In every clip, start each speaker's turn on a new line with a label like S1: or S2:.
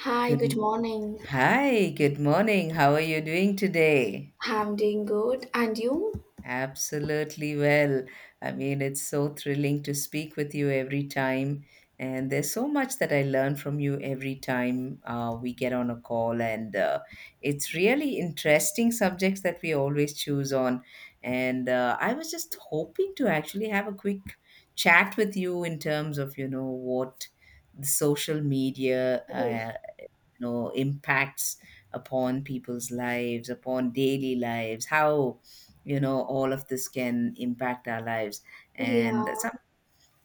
S1: Hi, good
S2: Good.
S1: morning.
S2: Hi, good morning. How are you doing today?
S1: I'm doing good. And you?
S2: Absolutely well. I mean, it's so thrilling to speak with you every time. And there's so much that I learn from you every time, we get on a call. And it's really interesting subjects that we always choose on. And I was just hoping to actually have a quick chat with you in terms of, what the social media
S1: Oh,
S2: impacts upon people's lives, upon daily lives, how all of this can impact our lives. And
S1: yeah,
S2: some,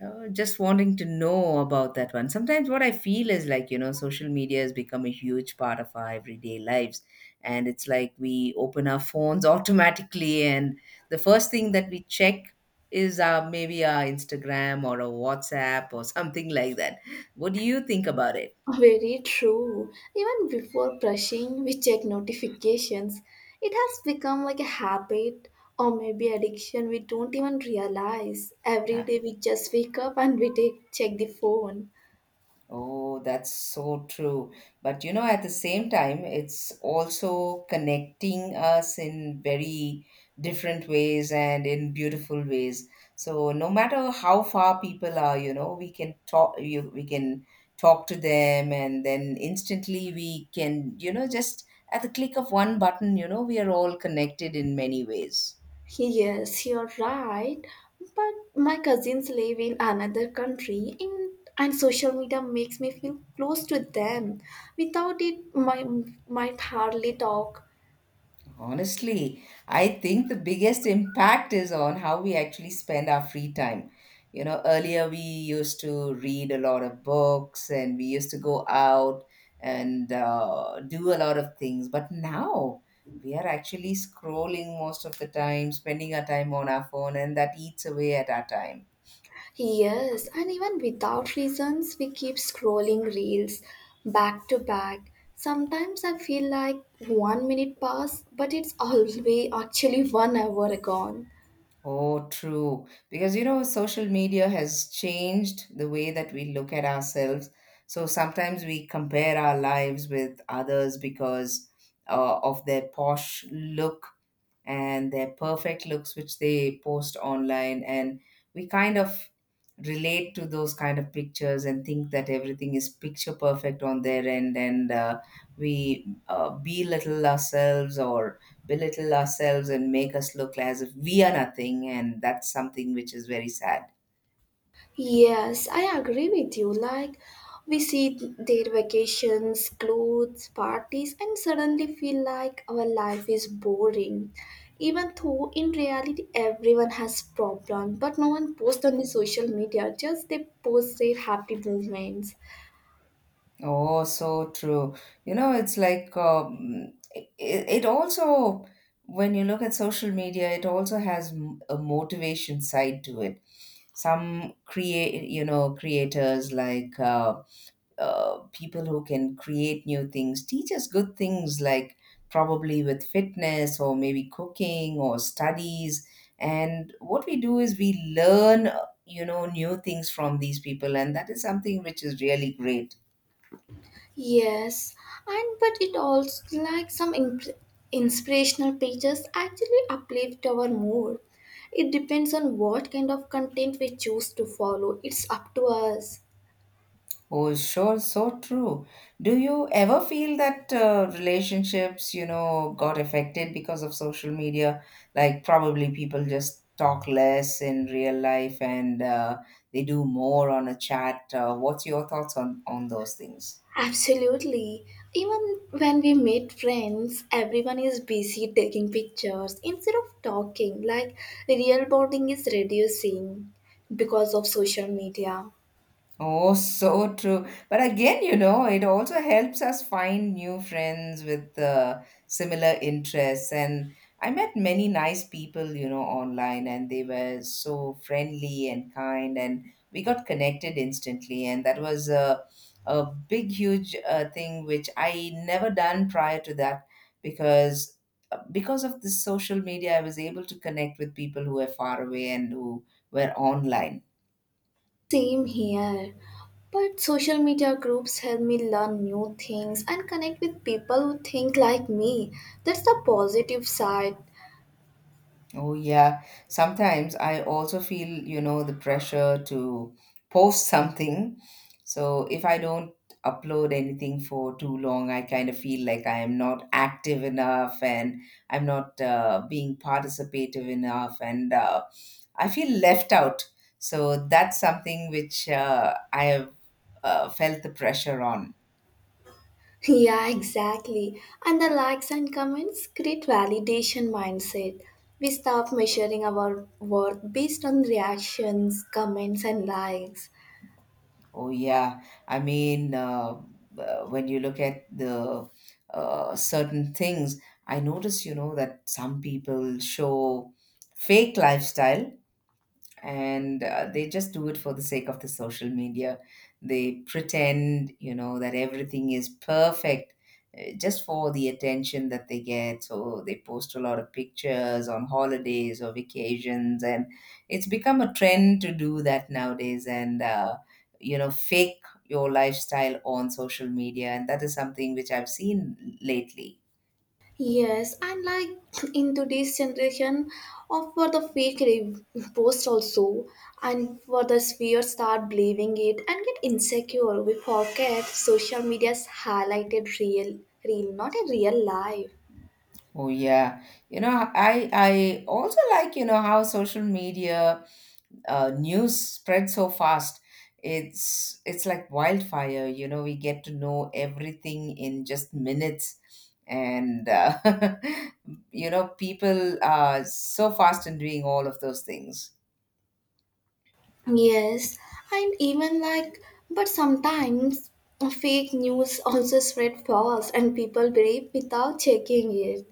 S2: just wanting to know about that one. Sometimes what I feel is, like, social media has become a huge part of our everyday lives, and it's like we open our phones automatically, and the first thing that we check is our, maybe our Instagram or a WhatsApp or something like that. What do you think about it?
S1: Very true. Even before brushing, we check notifications. It has become like a habit or maybe addiction we don't even realize. Every
S2: Uh,
S1: day we just wake up and we check the phone.
S2: Oh, that's so true. But at the same time, it's also connecting us in very different ways and in beautiful ways. So no matter how far people are, we can talk to them, and then instantly we can, just at the click of one button, we are all connected in many ways.
S1: Yes, you're right. But my cousins live in another country in, and social media makes me feel close to them. Without it, my might hardly talk.
S2: Honestly, I think the biggest impact is on how we actually spend our free time. You know, earlier we used to read a lot of books, and we used to go out and do a lot of things. But now we are actually scrolling most of the time, spending our time on our phone, and that eats away at our time.
S1: Yes, and even without reasons, we keep scrolling reels back to back. Sometimes I feel like one minute passed, but it's always actually one hour gone.
S2: Oh, true. Because, social media has changed the way that we look at ourselves. So sometimes we compare our lives with others because of their posh look and their perfect looks which they post online, and we kind of relate to those kind of pictures and think that everything is picture perfect on their end. And we belittle ourselves and make us look as if we are nothing, and that's something which is very sad.
S1: Yes, I agree with you. Like, we see their vacations, clothes, parties, and suddenly feel like our life is boring. Even though in reality everyone has problems, but no one posts on the social media, just they post their happy moments.
S2: Oh, so true. It's like when you look at social media, it also has a motivation side to it. Some create you know creators, like people who can create new things, teach us good things, like probably with fitness or maybe cooking or studies. And what we do is we learn new things from these people, and that is something which is really great.
S1: Yes, and but it also like inspirational pages actually uplift our mood. It depends on what kind of content we choose to follow. It's up to us.
S2: Oh, sure, so true. Do you ever feel that relationships, got affected because of social media? Like, probably people just talk less in real life, and they do more on a chat. What's your thoughts on those things?
S1: Absolutely. Even when we meet friends, everyone is busy taking pictures instead of talking. Like real bonding is reducing because of social media.
S2: Oh, so true. But again, it also helps us find new friends with similar interests. And I met many nice people, online, and they were so friendly and kind. And we got connected instantly. And that was a, big, huge thing which I never done prior to that, because because of the social media, I was able to connect with people who were far away and who were online.
S1: Same here. But social media groups help me learn new things and connect with people who think like me. That's the positive side.
S2: Oh, yeah. Sometimes I also feel, the pressure to post something. So if I don't upload anything for too long, I kind of feel like I am not active enough, and I'm not being participative enough, and I feel left out. So that's something which, I have felt the pressure on.
S1: Yeah, exactly. And the likes and comments create validation mindset. We stop measuring our worth based on reactions, comments, and likes.
S2: Oh yeah, I mean, when you look at the certain things, I notice, that some people show fake lifestyle, and they just do it for the sake of the social media. They pretend, that everything is perfect, just for the attention that they get. So they post a lot of pictures on holidays or vacations, and it's become a trend to do that nowadays. And fake your lifestyle on social media, and that is something which I've seen lately.
S1: Yes, and like in today's generation, of for the post also, and for the sphere start believing it and get insecure. We forget social media's highlighted real, real, not a real life.
S2: Oh yeah, I also, like, how social media news spreads so fast. It's like wildfire, we get to know everything in just minutes. And people are so fast in doing all of those things.
S1: Yes, and even like, but sometimes fake news also spread fast and people believe without checking it.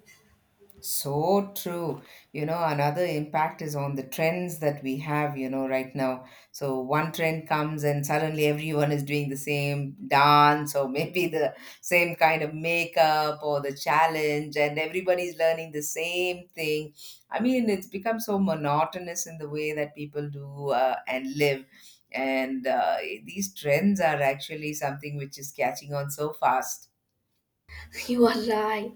S2: So true. Another impact is on the trends that we have, right now. So one trend comes and suddenly everyone is doing the same dance or maybe the same kind of makeup or the challenge, and everybody's learning the same thing. I mean, it's become so monotonous in the way that people do and live. And these trends are actually something which is catching on so fast.
S1: You are right.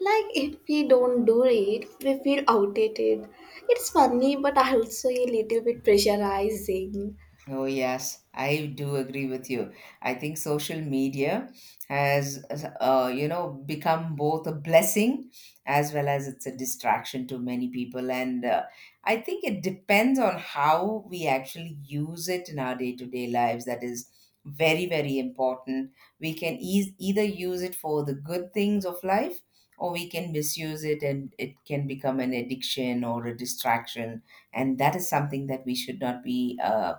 S1: Like, if we don't do it, we feel outdated. It's funny, but also a little bit pressurizing.
S2: Oh, yes, I do agree with you. I think social media has, become both a blessing as well as it's a distraction to many people. And I think it depends on how we actually use it in our day-to-day lives. That is very, very important. We can eas either use it for the good things of life, or we can misuse it and it can become an addiction or a distraction. And that is something that we should not be,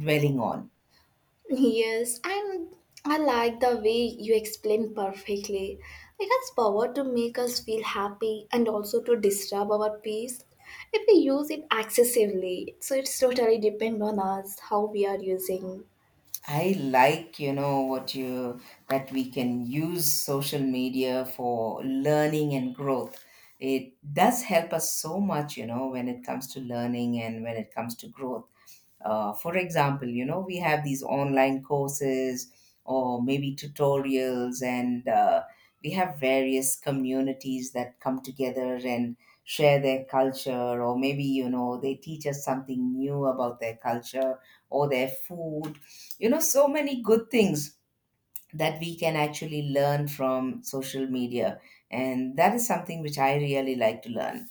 S2: dwelling on.
S1: Yes, and I like the way you explain perfectly. It has power to make us feel happy and also to disturb our peace if we use it excessively. So it's totally depend on us how we are using.
S2: I like, what you that we can use social media for learning and growth. It does help us so much, you know, when it comes to learning and when it comes to growth. For example, we have these online courses or maybe tutorials. And we have various communities that come together and share their culture, or maybe, they teach us something new about their culture or their food. So many good things that we can actually learn from social media. And that is something which I really like to learn.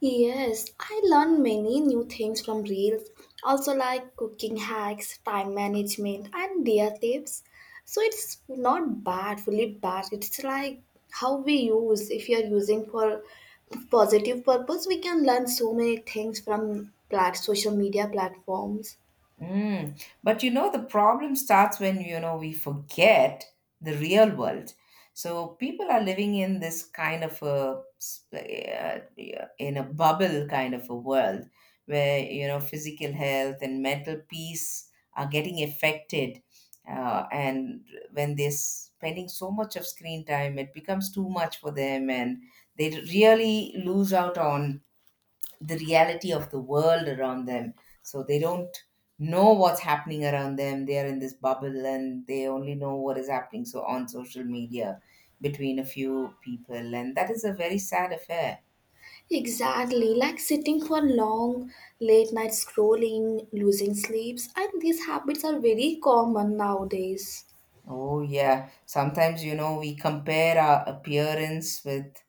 S1: Yes, I learned many new things from reels, also like cooking hacks, time management, and dear tips. So it's not bad, fully bad. It's like how we use. If you are using for positive purpose, we can learn so many things from plat social media platforms.
S2: Mm. But the problem starts when, we forget the real world. So people are living in this kind of in a bubble kind of a world where, physical health and mental peace are getting affected. And when they're spending so much of screen time, it becomes too much for them, and they really lose out on the reality of the world around them. So they don't know what's happening around them. They are in this bubble and they only know what is happening. So on social media between a few people. And that is a very sad affair.
S1: Exactly, like sitting for long, late night scrolling, losing sleeps, and these habits are very common nowadays.
S2: Oh, yeah. Sometimes, we compare our appearance with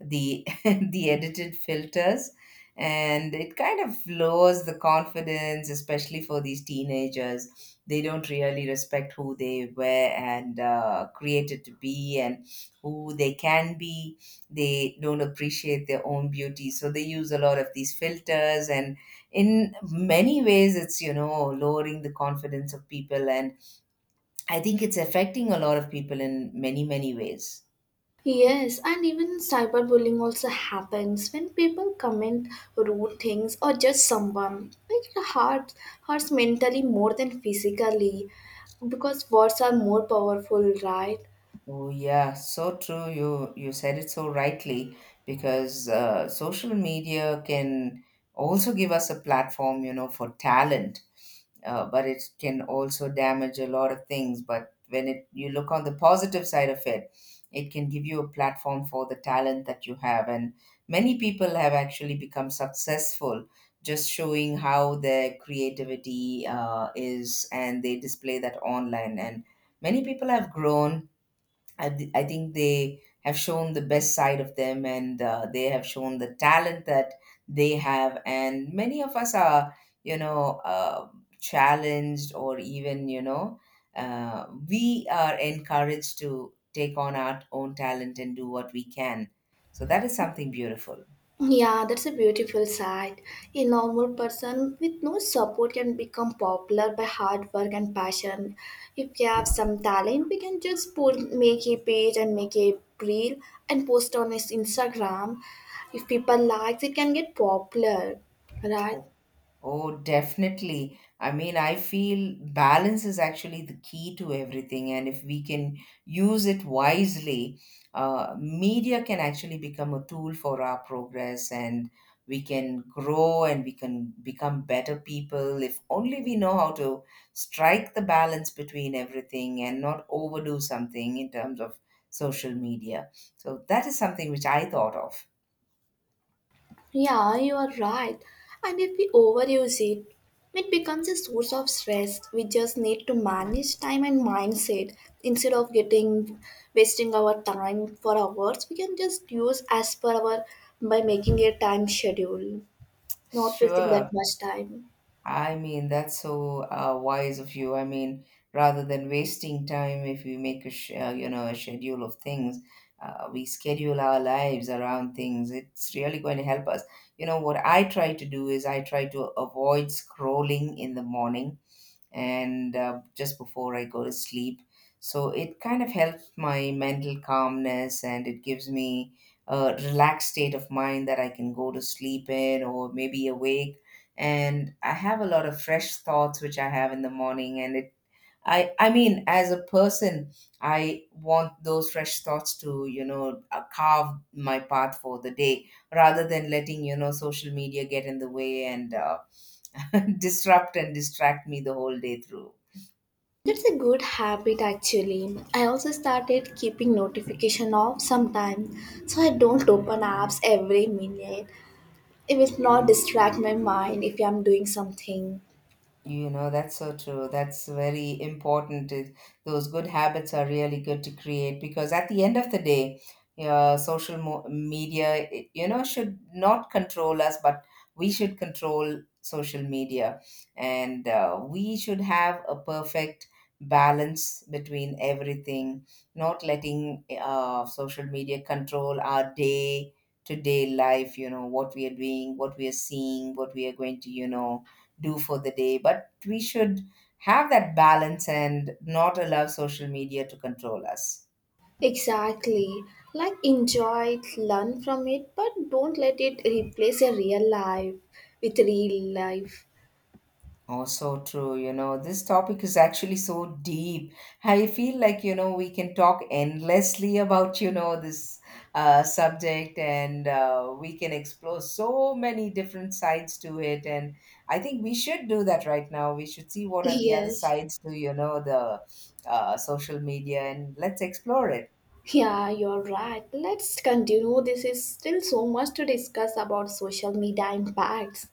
S2: the the edited filters, and it kind of lowers the confidence, especially for these teenagers. They don't really respect who they were and, created to be, and who they can be. They don't appreciate their own beauty, so they use a lot of these filters, and in many ways it's, lowering the confidence of people. And I think it's affecting a lot of people in many, many ways.
S1: Yes, and even cyberbullying also happens when people comment rude things or judge someone. It hurts, hurts mentally more than physically because words are more powerful, right?
S2: Oh yeah, so true. You said it so rightly, because social media can also give us a platform, for talent. But it can also damage a lot of things. But when it you look on the positive side of it, it can give you a platform for the talent that you have, and many people have actually become successful, just showing how their creativity is, and they display that online. And many people have grown. I think they have shown the best side of them, and they have shown the talent that they have. And many of us are, you know, uh, challenged, or even, we are encouraged to take on our own talent and do what we can. So that is something beautiful.
S1: Yeah, that's a beautiful side. A normal person with no support can become popular by hard work and passion. If we have some talent, we can just put make a page and make a reel and post on his Instagram. If people likes, it can get popular, right?
S2: Oh, definitely. I mean, I feel balance is actually the key to everything, and if we can use it wisely, media can actually become a tool for our progress, and we can grow and we can become better people if only we know how to strike the balance between everything and not overdo something in terms of social media. So, that is something which I thought of.
S1: Yeah, you are right. And if we overuse it, it becomes a source of stress. We just need to manage time and mindset. Instead of getting wasting our time for hours, we can just use as per our by making a time schedule, not wasting that
S2: Sure.
S1: much time.
S2: I mean, that's so wise of you. I mean, rather than wasting time, if we make a sh- you know a schedule of things, we schedule our lives around things. It's really going to help us. You know what I try to do is I try to avoid scrolling in the morning, and just before I go to sleep. So it kind of helps my mental calmness, and it gives me a relaxed state of mind that I can go to sleep in or maybe awake. And I have a lot of fresh thoughts which I have in the morning. And I mean, as a person, I want those fresh thoughts to, you know, carve my path for the day rather than letting, you know, social media get in the way and disrupt and distract me the whole day through.
S1: That's a good habit actually. I also started keeping notification off sometimes so I don't open apps every minute. It will not distract my mind if I'm doing something.
S2: You know, that's so true. That's very important. Those good habits are really good to create because at the end of the day, social media, you know, should not control us, but we should control social media. And we should have a perfect balance between everything, not letting social media control our day to day life, you know, what we are doing, what we are seeing, what we are going to, you know, do for the day. But we should have that balance and not allow social media to control us.
S1: Exactly. Like enjoy it, learn from it, but don't let it replace a real life with real life.
S2: Oh, so true, you know, this topic is actually so deep. I feel like, you know, we can talk endlessly about, you know, this subject, and we can explore so many different sides to it. And I think we should do that right now. We should see what are the other
S1: Yes.
S2: sides to, you know, the social media, and let's explore it.
S1: Yeah, you're right. Let's continue. This is still so much to discuss about social media impacts.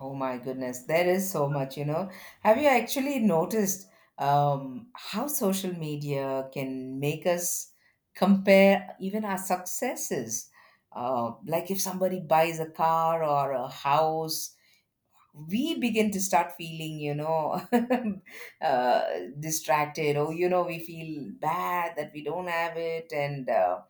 S2: Oh my goodness, there is so much, you know. Have you actually noticed how social media can make us compare even our successes? Like if somebody buys a car or a house, we begin to start feeling, you know, uh, distracted, or you know we feel bad that we don't have it, and uh,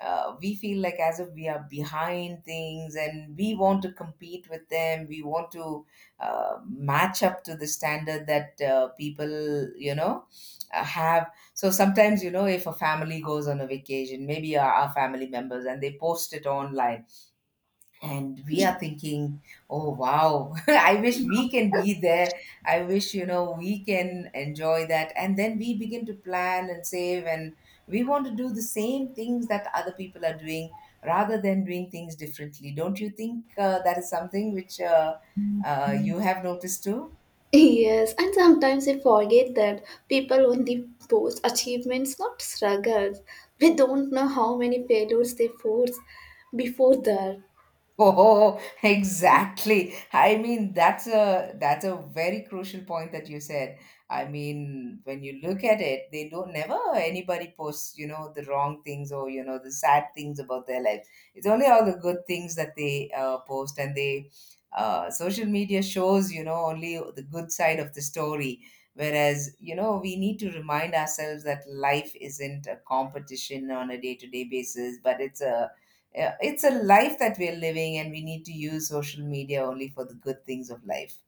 S2: uh, we feel like as if we are behind things, and we want to compete with them, we want to match up to the standard that people, you know, have. So sometimes, you know, if a family goes on a vacation, maybe our family members, and they post it online, and we are thinking, oh wow, I wish we can be there, I wish, you know, we can enjoy that. And then we begin to plan and save, and we want to do the same things that other people are doing rather than doing things differently. Don't you think that is something which you have noticed too?
S1: Yes, and sometimes I forget that people only post achievements, not struggles. We don't know how many failures they force before that.
S2: Oh, exactly. I mean, that's a very crucial point that you said. I mean, when you look at it, they don't, never anybody posts, you know, the wrong things or you know the sad things about their life. It's only all the good things that they post, and they social media shows, you know, only the good side of the story. Whereas, you know, we need to remind ourselves that life isn't a competition on a day-to-day basis, but it's a, yeah, it's a life that we're living, and we need to use social media only for the good things of life.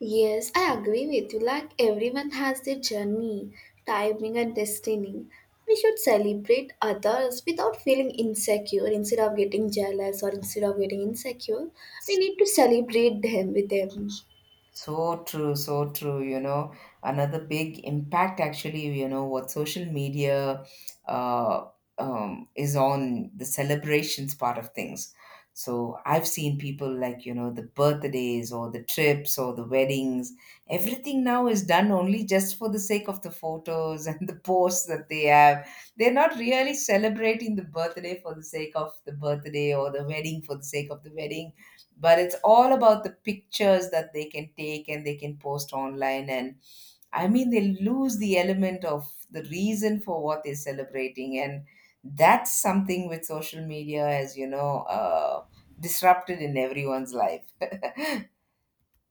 S1: Yes, I agree with you. Like everyone has their journey, timing, and destiny. We should celebrate others without feeling insecure. Instead of getting jealous or instead of getting insecure, we need to celebrate them with them.
S2: So true, so true. You know, another big impact actually, you know, what social media uh, is on the celebrations part of things. So I've seen people like, you know, the birthdays or the trips or the weddings. Everything now is done only just for the sake of the photos and the posts that they have. They're not really celebrating the birthday for the sake of the birthday or the wedding for the sake of the wedding, but it's all about the pictures that they can take and they can post online. And I mean, they lose the element of the reason for what they're celebrating, and that's something with social media, as you know, disrupted in everyone's life.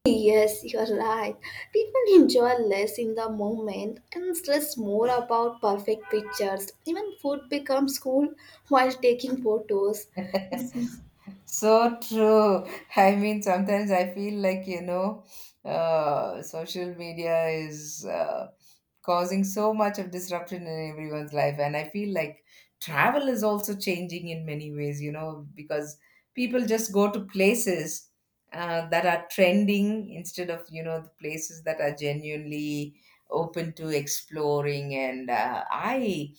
S1: Yes, you're right. People enjoy less in the moment and stress more about perfect pictures. Even food becomes cool while taking photos.
S2: So true. I mean, sometimes I feel like, you know, social media is causing so much of disruption in everyone's life. And I feel like travel is also changing in many ways, you know, because people just go to places that are trending instead of, you know, the places that are genuinely open to exploring. And I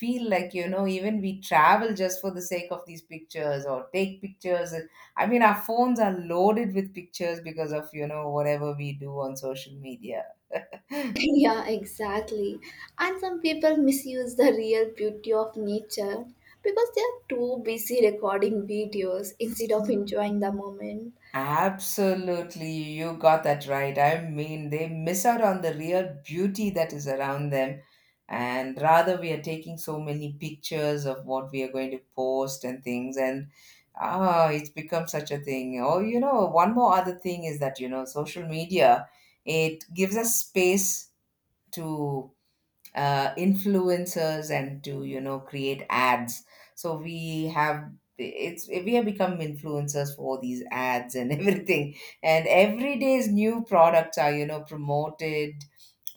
S2: feel like, you know, even we travel just for the sake of these pictures or take pictures. And I mean, our phones are loaded with pictures because of, you know, whatever we do on social media.
S1: Yeah, exactly. And some people misuse the real beauty of nature because they are too busy recording videos instead of enjoying the moment.
S2: Absolutely, you got that right. I mean, they miss out on the real beauty that is around them, and rather we are taking so many pictures of what we are going to post and things. And ah, it's become such a thing. Oh, you know, one more other thing is that, you know, social media, it gives us space to influencers and to, you know, create ads. So we have, it's, we have become influencers for these ads and everything. And every day's new products are, you know, promoted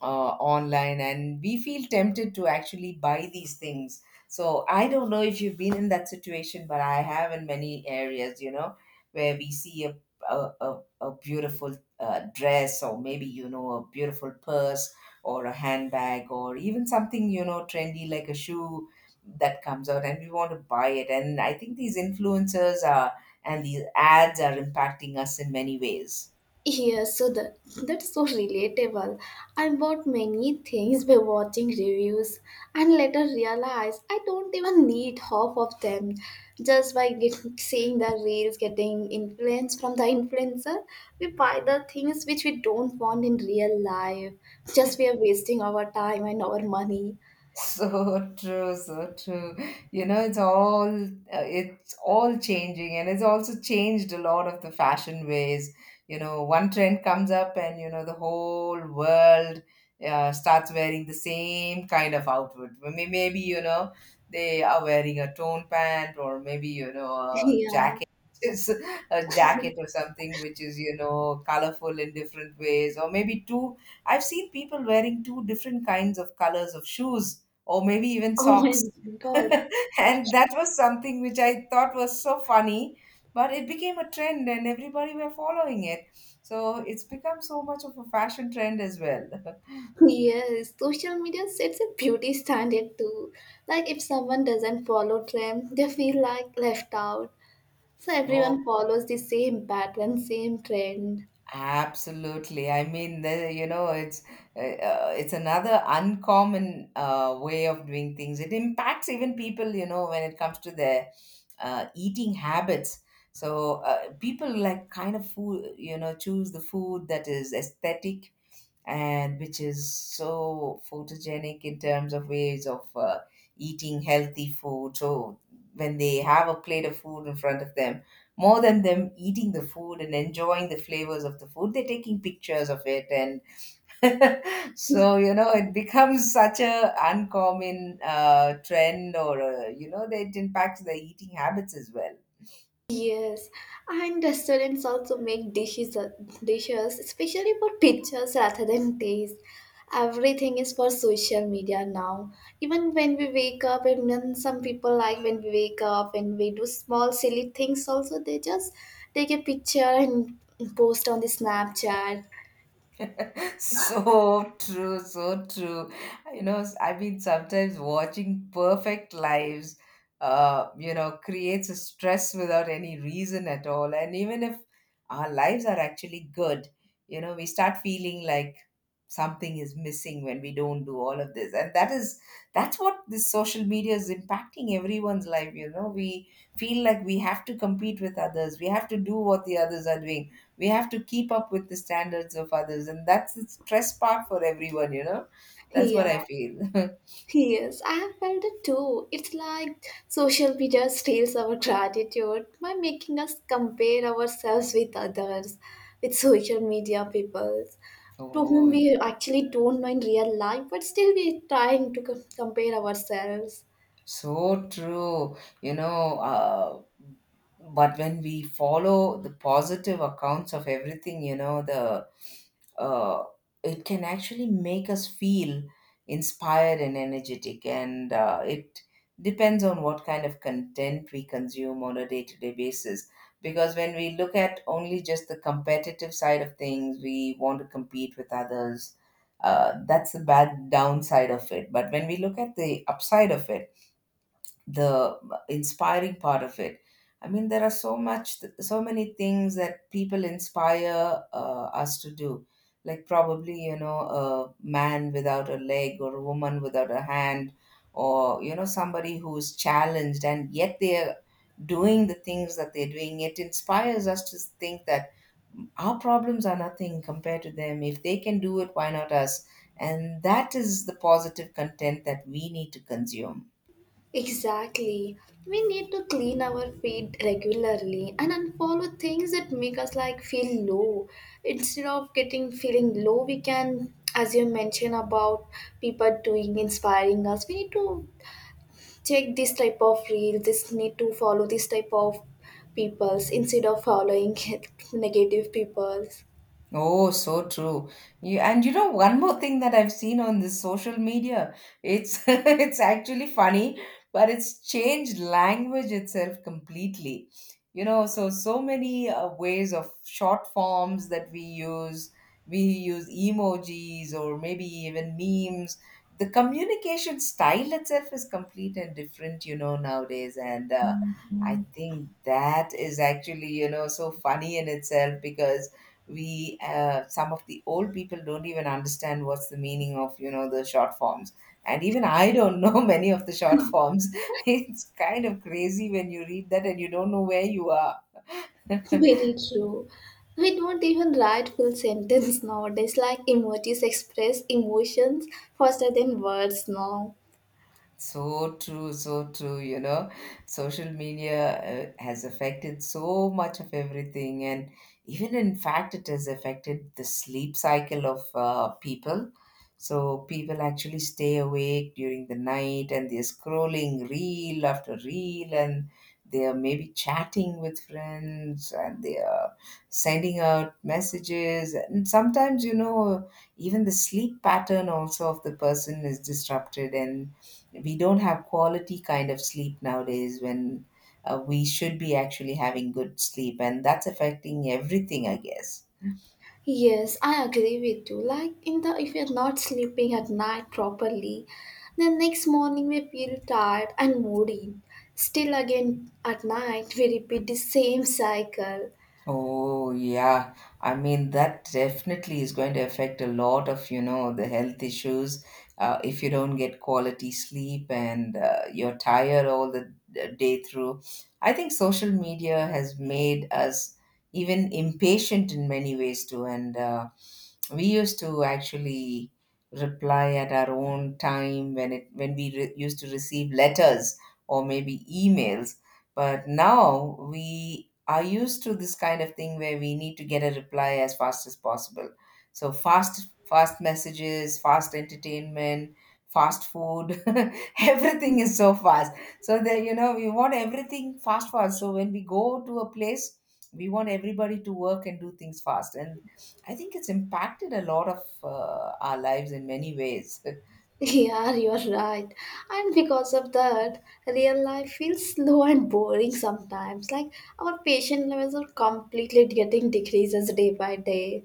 S2: uh, online, and we feel tempted to actually buy these things. So I don't know if you've been in that situation, but I have in many areas, you know, where we see a beautiful dress, or maybe, you know, a beautiful purse or a handbag, or even something, you know, trendy like a shoe that comes out, and we want to buy it. And I think these influencers are, and these ads are impacting us in many ways.
S1: Yeah, so that's so relatable. I bought many things by watching reviews and later realized I don't even need half of them just by seeing the reels getting influence from the influencer. We buy the things which we don't want in real life. Just we are wasting our time and our money.
S2: So true, so true. You know, it's all changing, and it's also changed a lot of the fashion ways. You know, one trend comes up, and you know the whole world starts wearing the same kind of outfit. Maybe, you know, they are wearing a tone pant, or maybe, you know, a
S1: Yeah.
S2: jacket. It's a jacket or something which is, you know, colorful in different ways, or maybe two. I've seen people wearing two different kinds of colors of shoes, or maybe even
S1: Oh
S2: socks.
S1: my god.
S2: And that was something which I thought was so funny, but it became a trend and everybody were following it. So it's become so much of a fashion trend as well.
S1: Yes, social media sets a beauty standard too. Like if someone doesn't follow trend, they feel like left out. So everyone
S2: Oh,
S1: follows the same pattern, same trend.
S2: absolutely. I mean, the, you know, it's another uncommon way of doing things. It impacts even people, you know, when it comes to their eating habits. So people like kind of food, you know, choose the food that is aesthetic and which is so photogenic in terms of ways of eating healthy food. So when they have a plate of food in front of them, more than them eating the food and enjoying the flavors of the food, they're taking pictures of it, and so you know it becomes such a uncommon trend, or you know that it impacts their eating habits as well.
S1: Yes, and restaurants also make dishes especially for pictures rather than taste. Everything is for social media now. Even when we wake up, and then some people like when we wake up and we do small silly things, also they just take a picture and post on the Snapchat.
S2: So true, so true. You know, I mean, sometimes watching perfect lives, you know, creates a stress without any reason at all. And even if our lives are actually good, you know, we start feeling like something is missing when we don't do all of this. And that's what this social media is impacting everyone's life. You know, we feel like we have to compete with others, we have to do what the others are doing, we have to keep up with the standards of others, and that's the stress part for everyone, you know, that's
S1: Yeah.
S2: what I feel.
S1: Yes, I have felt it too. It's like social media steals our gratitude by making us compare ourselves with others, with social media people to whom
S2: Oh,
S1: we actually don't know in real life, but still we're trying to compare ourselves.
S2: so true, you know. But when we follow the positive accounts of everything, you know, the uh, it can actually make us feel inspired and energetic, and it depends on what kind of content we consume on a day-to-day basis. Because when we look at only just the competitive side of things, we want to compete with others. That's the bad downside of it. But when we look at the upside of it, the inspiring part of it, I mean, there are so much, so many things that people inspire us to do, like probably, you know, a man without a leg or a woman without a hand, or you know somebody who's challenged, and yet they're doing the things that they're doing. It inspires us to think that our problems are nothing compared to them. If they can do it, why not us? And that is the positive content that we need to consume.
S1: Exactly. We need to clean our feed regularly and unfollow things that make us like feel low. Instead of getting feeling low, we can, as you mentioned about people doing inspiring us, we need to check this type of reel, this need to follow this type of peoples instead of following negative peoples.
S2: Oh, so true. You, and you know one more thing that I've seen on the social media. It's, it's actually funny, but it's changed language itself completely. You know, so so many ways of short forms that we use. We use emojis or maybe even memes. The communication style itself is complete and different, you know, nowadays. And I think that is actually, you know, so funny in itself, because we some of the old people don't even understand what's the meaning of, you know, the short forms. And even I don't know many of the short forms. It's kind of crazy when you read that and you don't know where you are.
S1: Very true. We don't even write full sentence nowadays. Like emojis express emotions faster than words now.
S2: So true, so true. You know, social media has affected so much of everything, and even in fact, it has affected the sleep cycle of people. So people actually stay awake during the night, and they're scrolling reel after reel, and they are maybe chatting with friends, and they are sending out messages. And sometimes, you know, even the sleep pattern also of the person is disrupted, and we don't have quality kind of sleep nowadays, when we should be actually having good sleep. And that's affecting everything, I guess.
S1: Yes, I agree with you. Like in the if you're not sleeping at night properly, then next morning we feel tired and moody. Still again at night we repeat the same cycle.
S2: Oh yeah, I mean that definitely is going to affect a lot of, you know, the health issues, if you don't get quality sleep, and you're tired all the day through. I think social media has made us even impatient in many ways too, and we used to actually reply at our own time when it when we re- used to receive letters or maybe emails. But now we are used to this kind of thing where we need to get a reply as fast as possible. So fast, fast messages, fast entertainment, fast food, everything is so fast. So that, you know, we want everything fast, fast. So when we go to a place, we want everybody to work and do things fast. And I think it's impacted a lot of our lives in many ways.
S1: Yeah, you're right. And because of that, real life feels slow and boring sometimes. Like our patient levels are completely getting decreases day by day.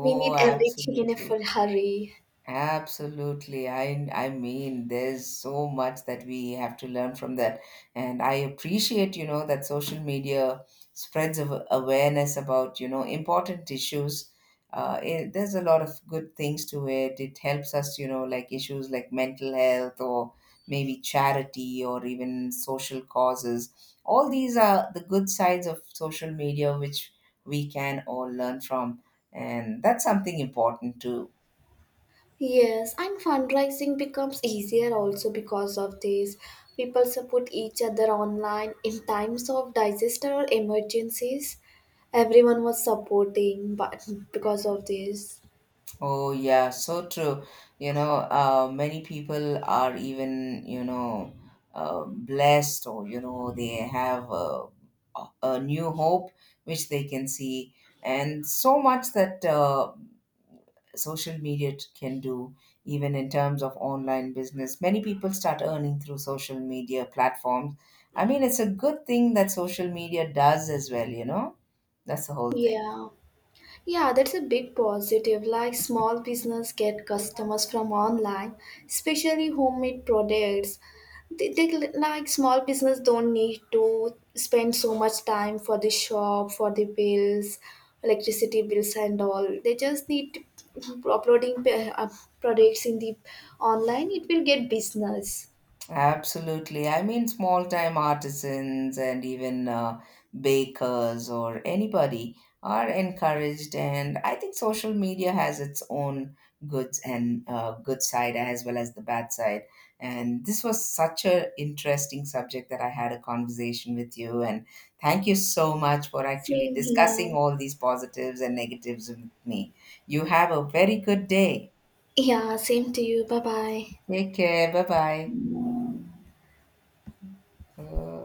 S1: We need everything in a
S2: absolutely.
S1: full hurry.
S2: Absolutely. I mean, there's so much that we have to learn from that. And I appreciate, you know, that social media spreads of awareness about, you know, important issues. It, there's a lot of good things to it. It helps us, you know, like issues like mental health, or maybe charity, or even social causes. All these are the good sides of social media, which we can all learn from. And that's something important too.
S1: Yes, and fundraising becomes easier also because of this. People support each other online in times of disaster or emergencies. Everyone was supporting, but because of this.
S2: Oh, yeah, so true. You know, many people are even, you know, blessed, or you know, they have a new hope which they can see. And so much that social media can do, even in terms of online business. Many people start earning through social media platforms. I mean, it's a good thing that social media does as well, you know? That's the whole thing.
S1: Yeah. Yeah, that's a big positive. Like small business get customers from online, especially homemade products. They like small business don't need to spend so much time for the shop, for the bills, electricity bills and all. They just need uploading products in the online. It will get business.
S2: Absolutely. I mean, small time artisans and even bakers or anybody are encouraged. And I think social media has its own goods and good side as well as the bad side. And this was such a interesting subject that I had a conversation with you. And thank you so much for actually
S1: Same
S2: discussing
S1: here.
S2: all these positives and negatives with me. You have a very good day.
S1: Yeah, same to you. Bye bye.
S2: Take care. Bye bye.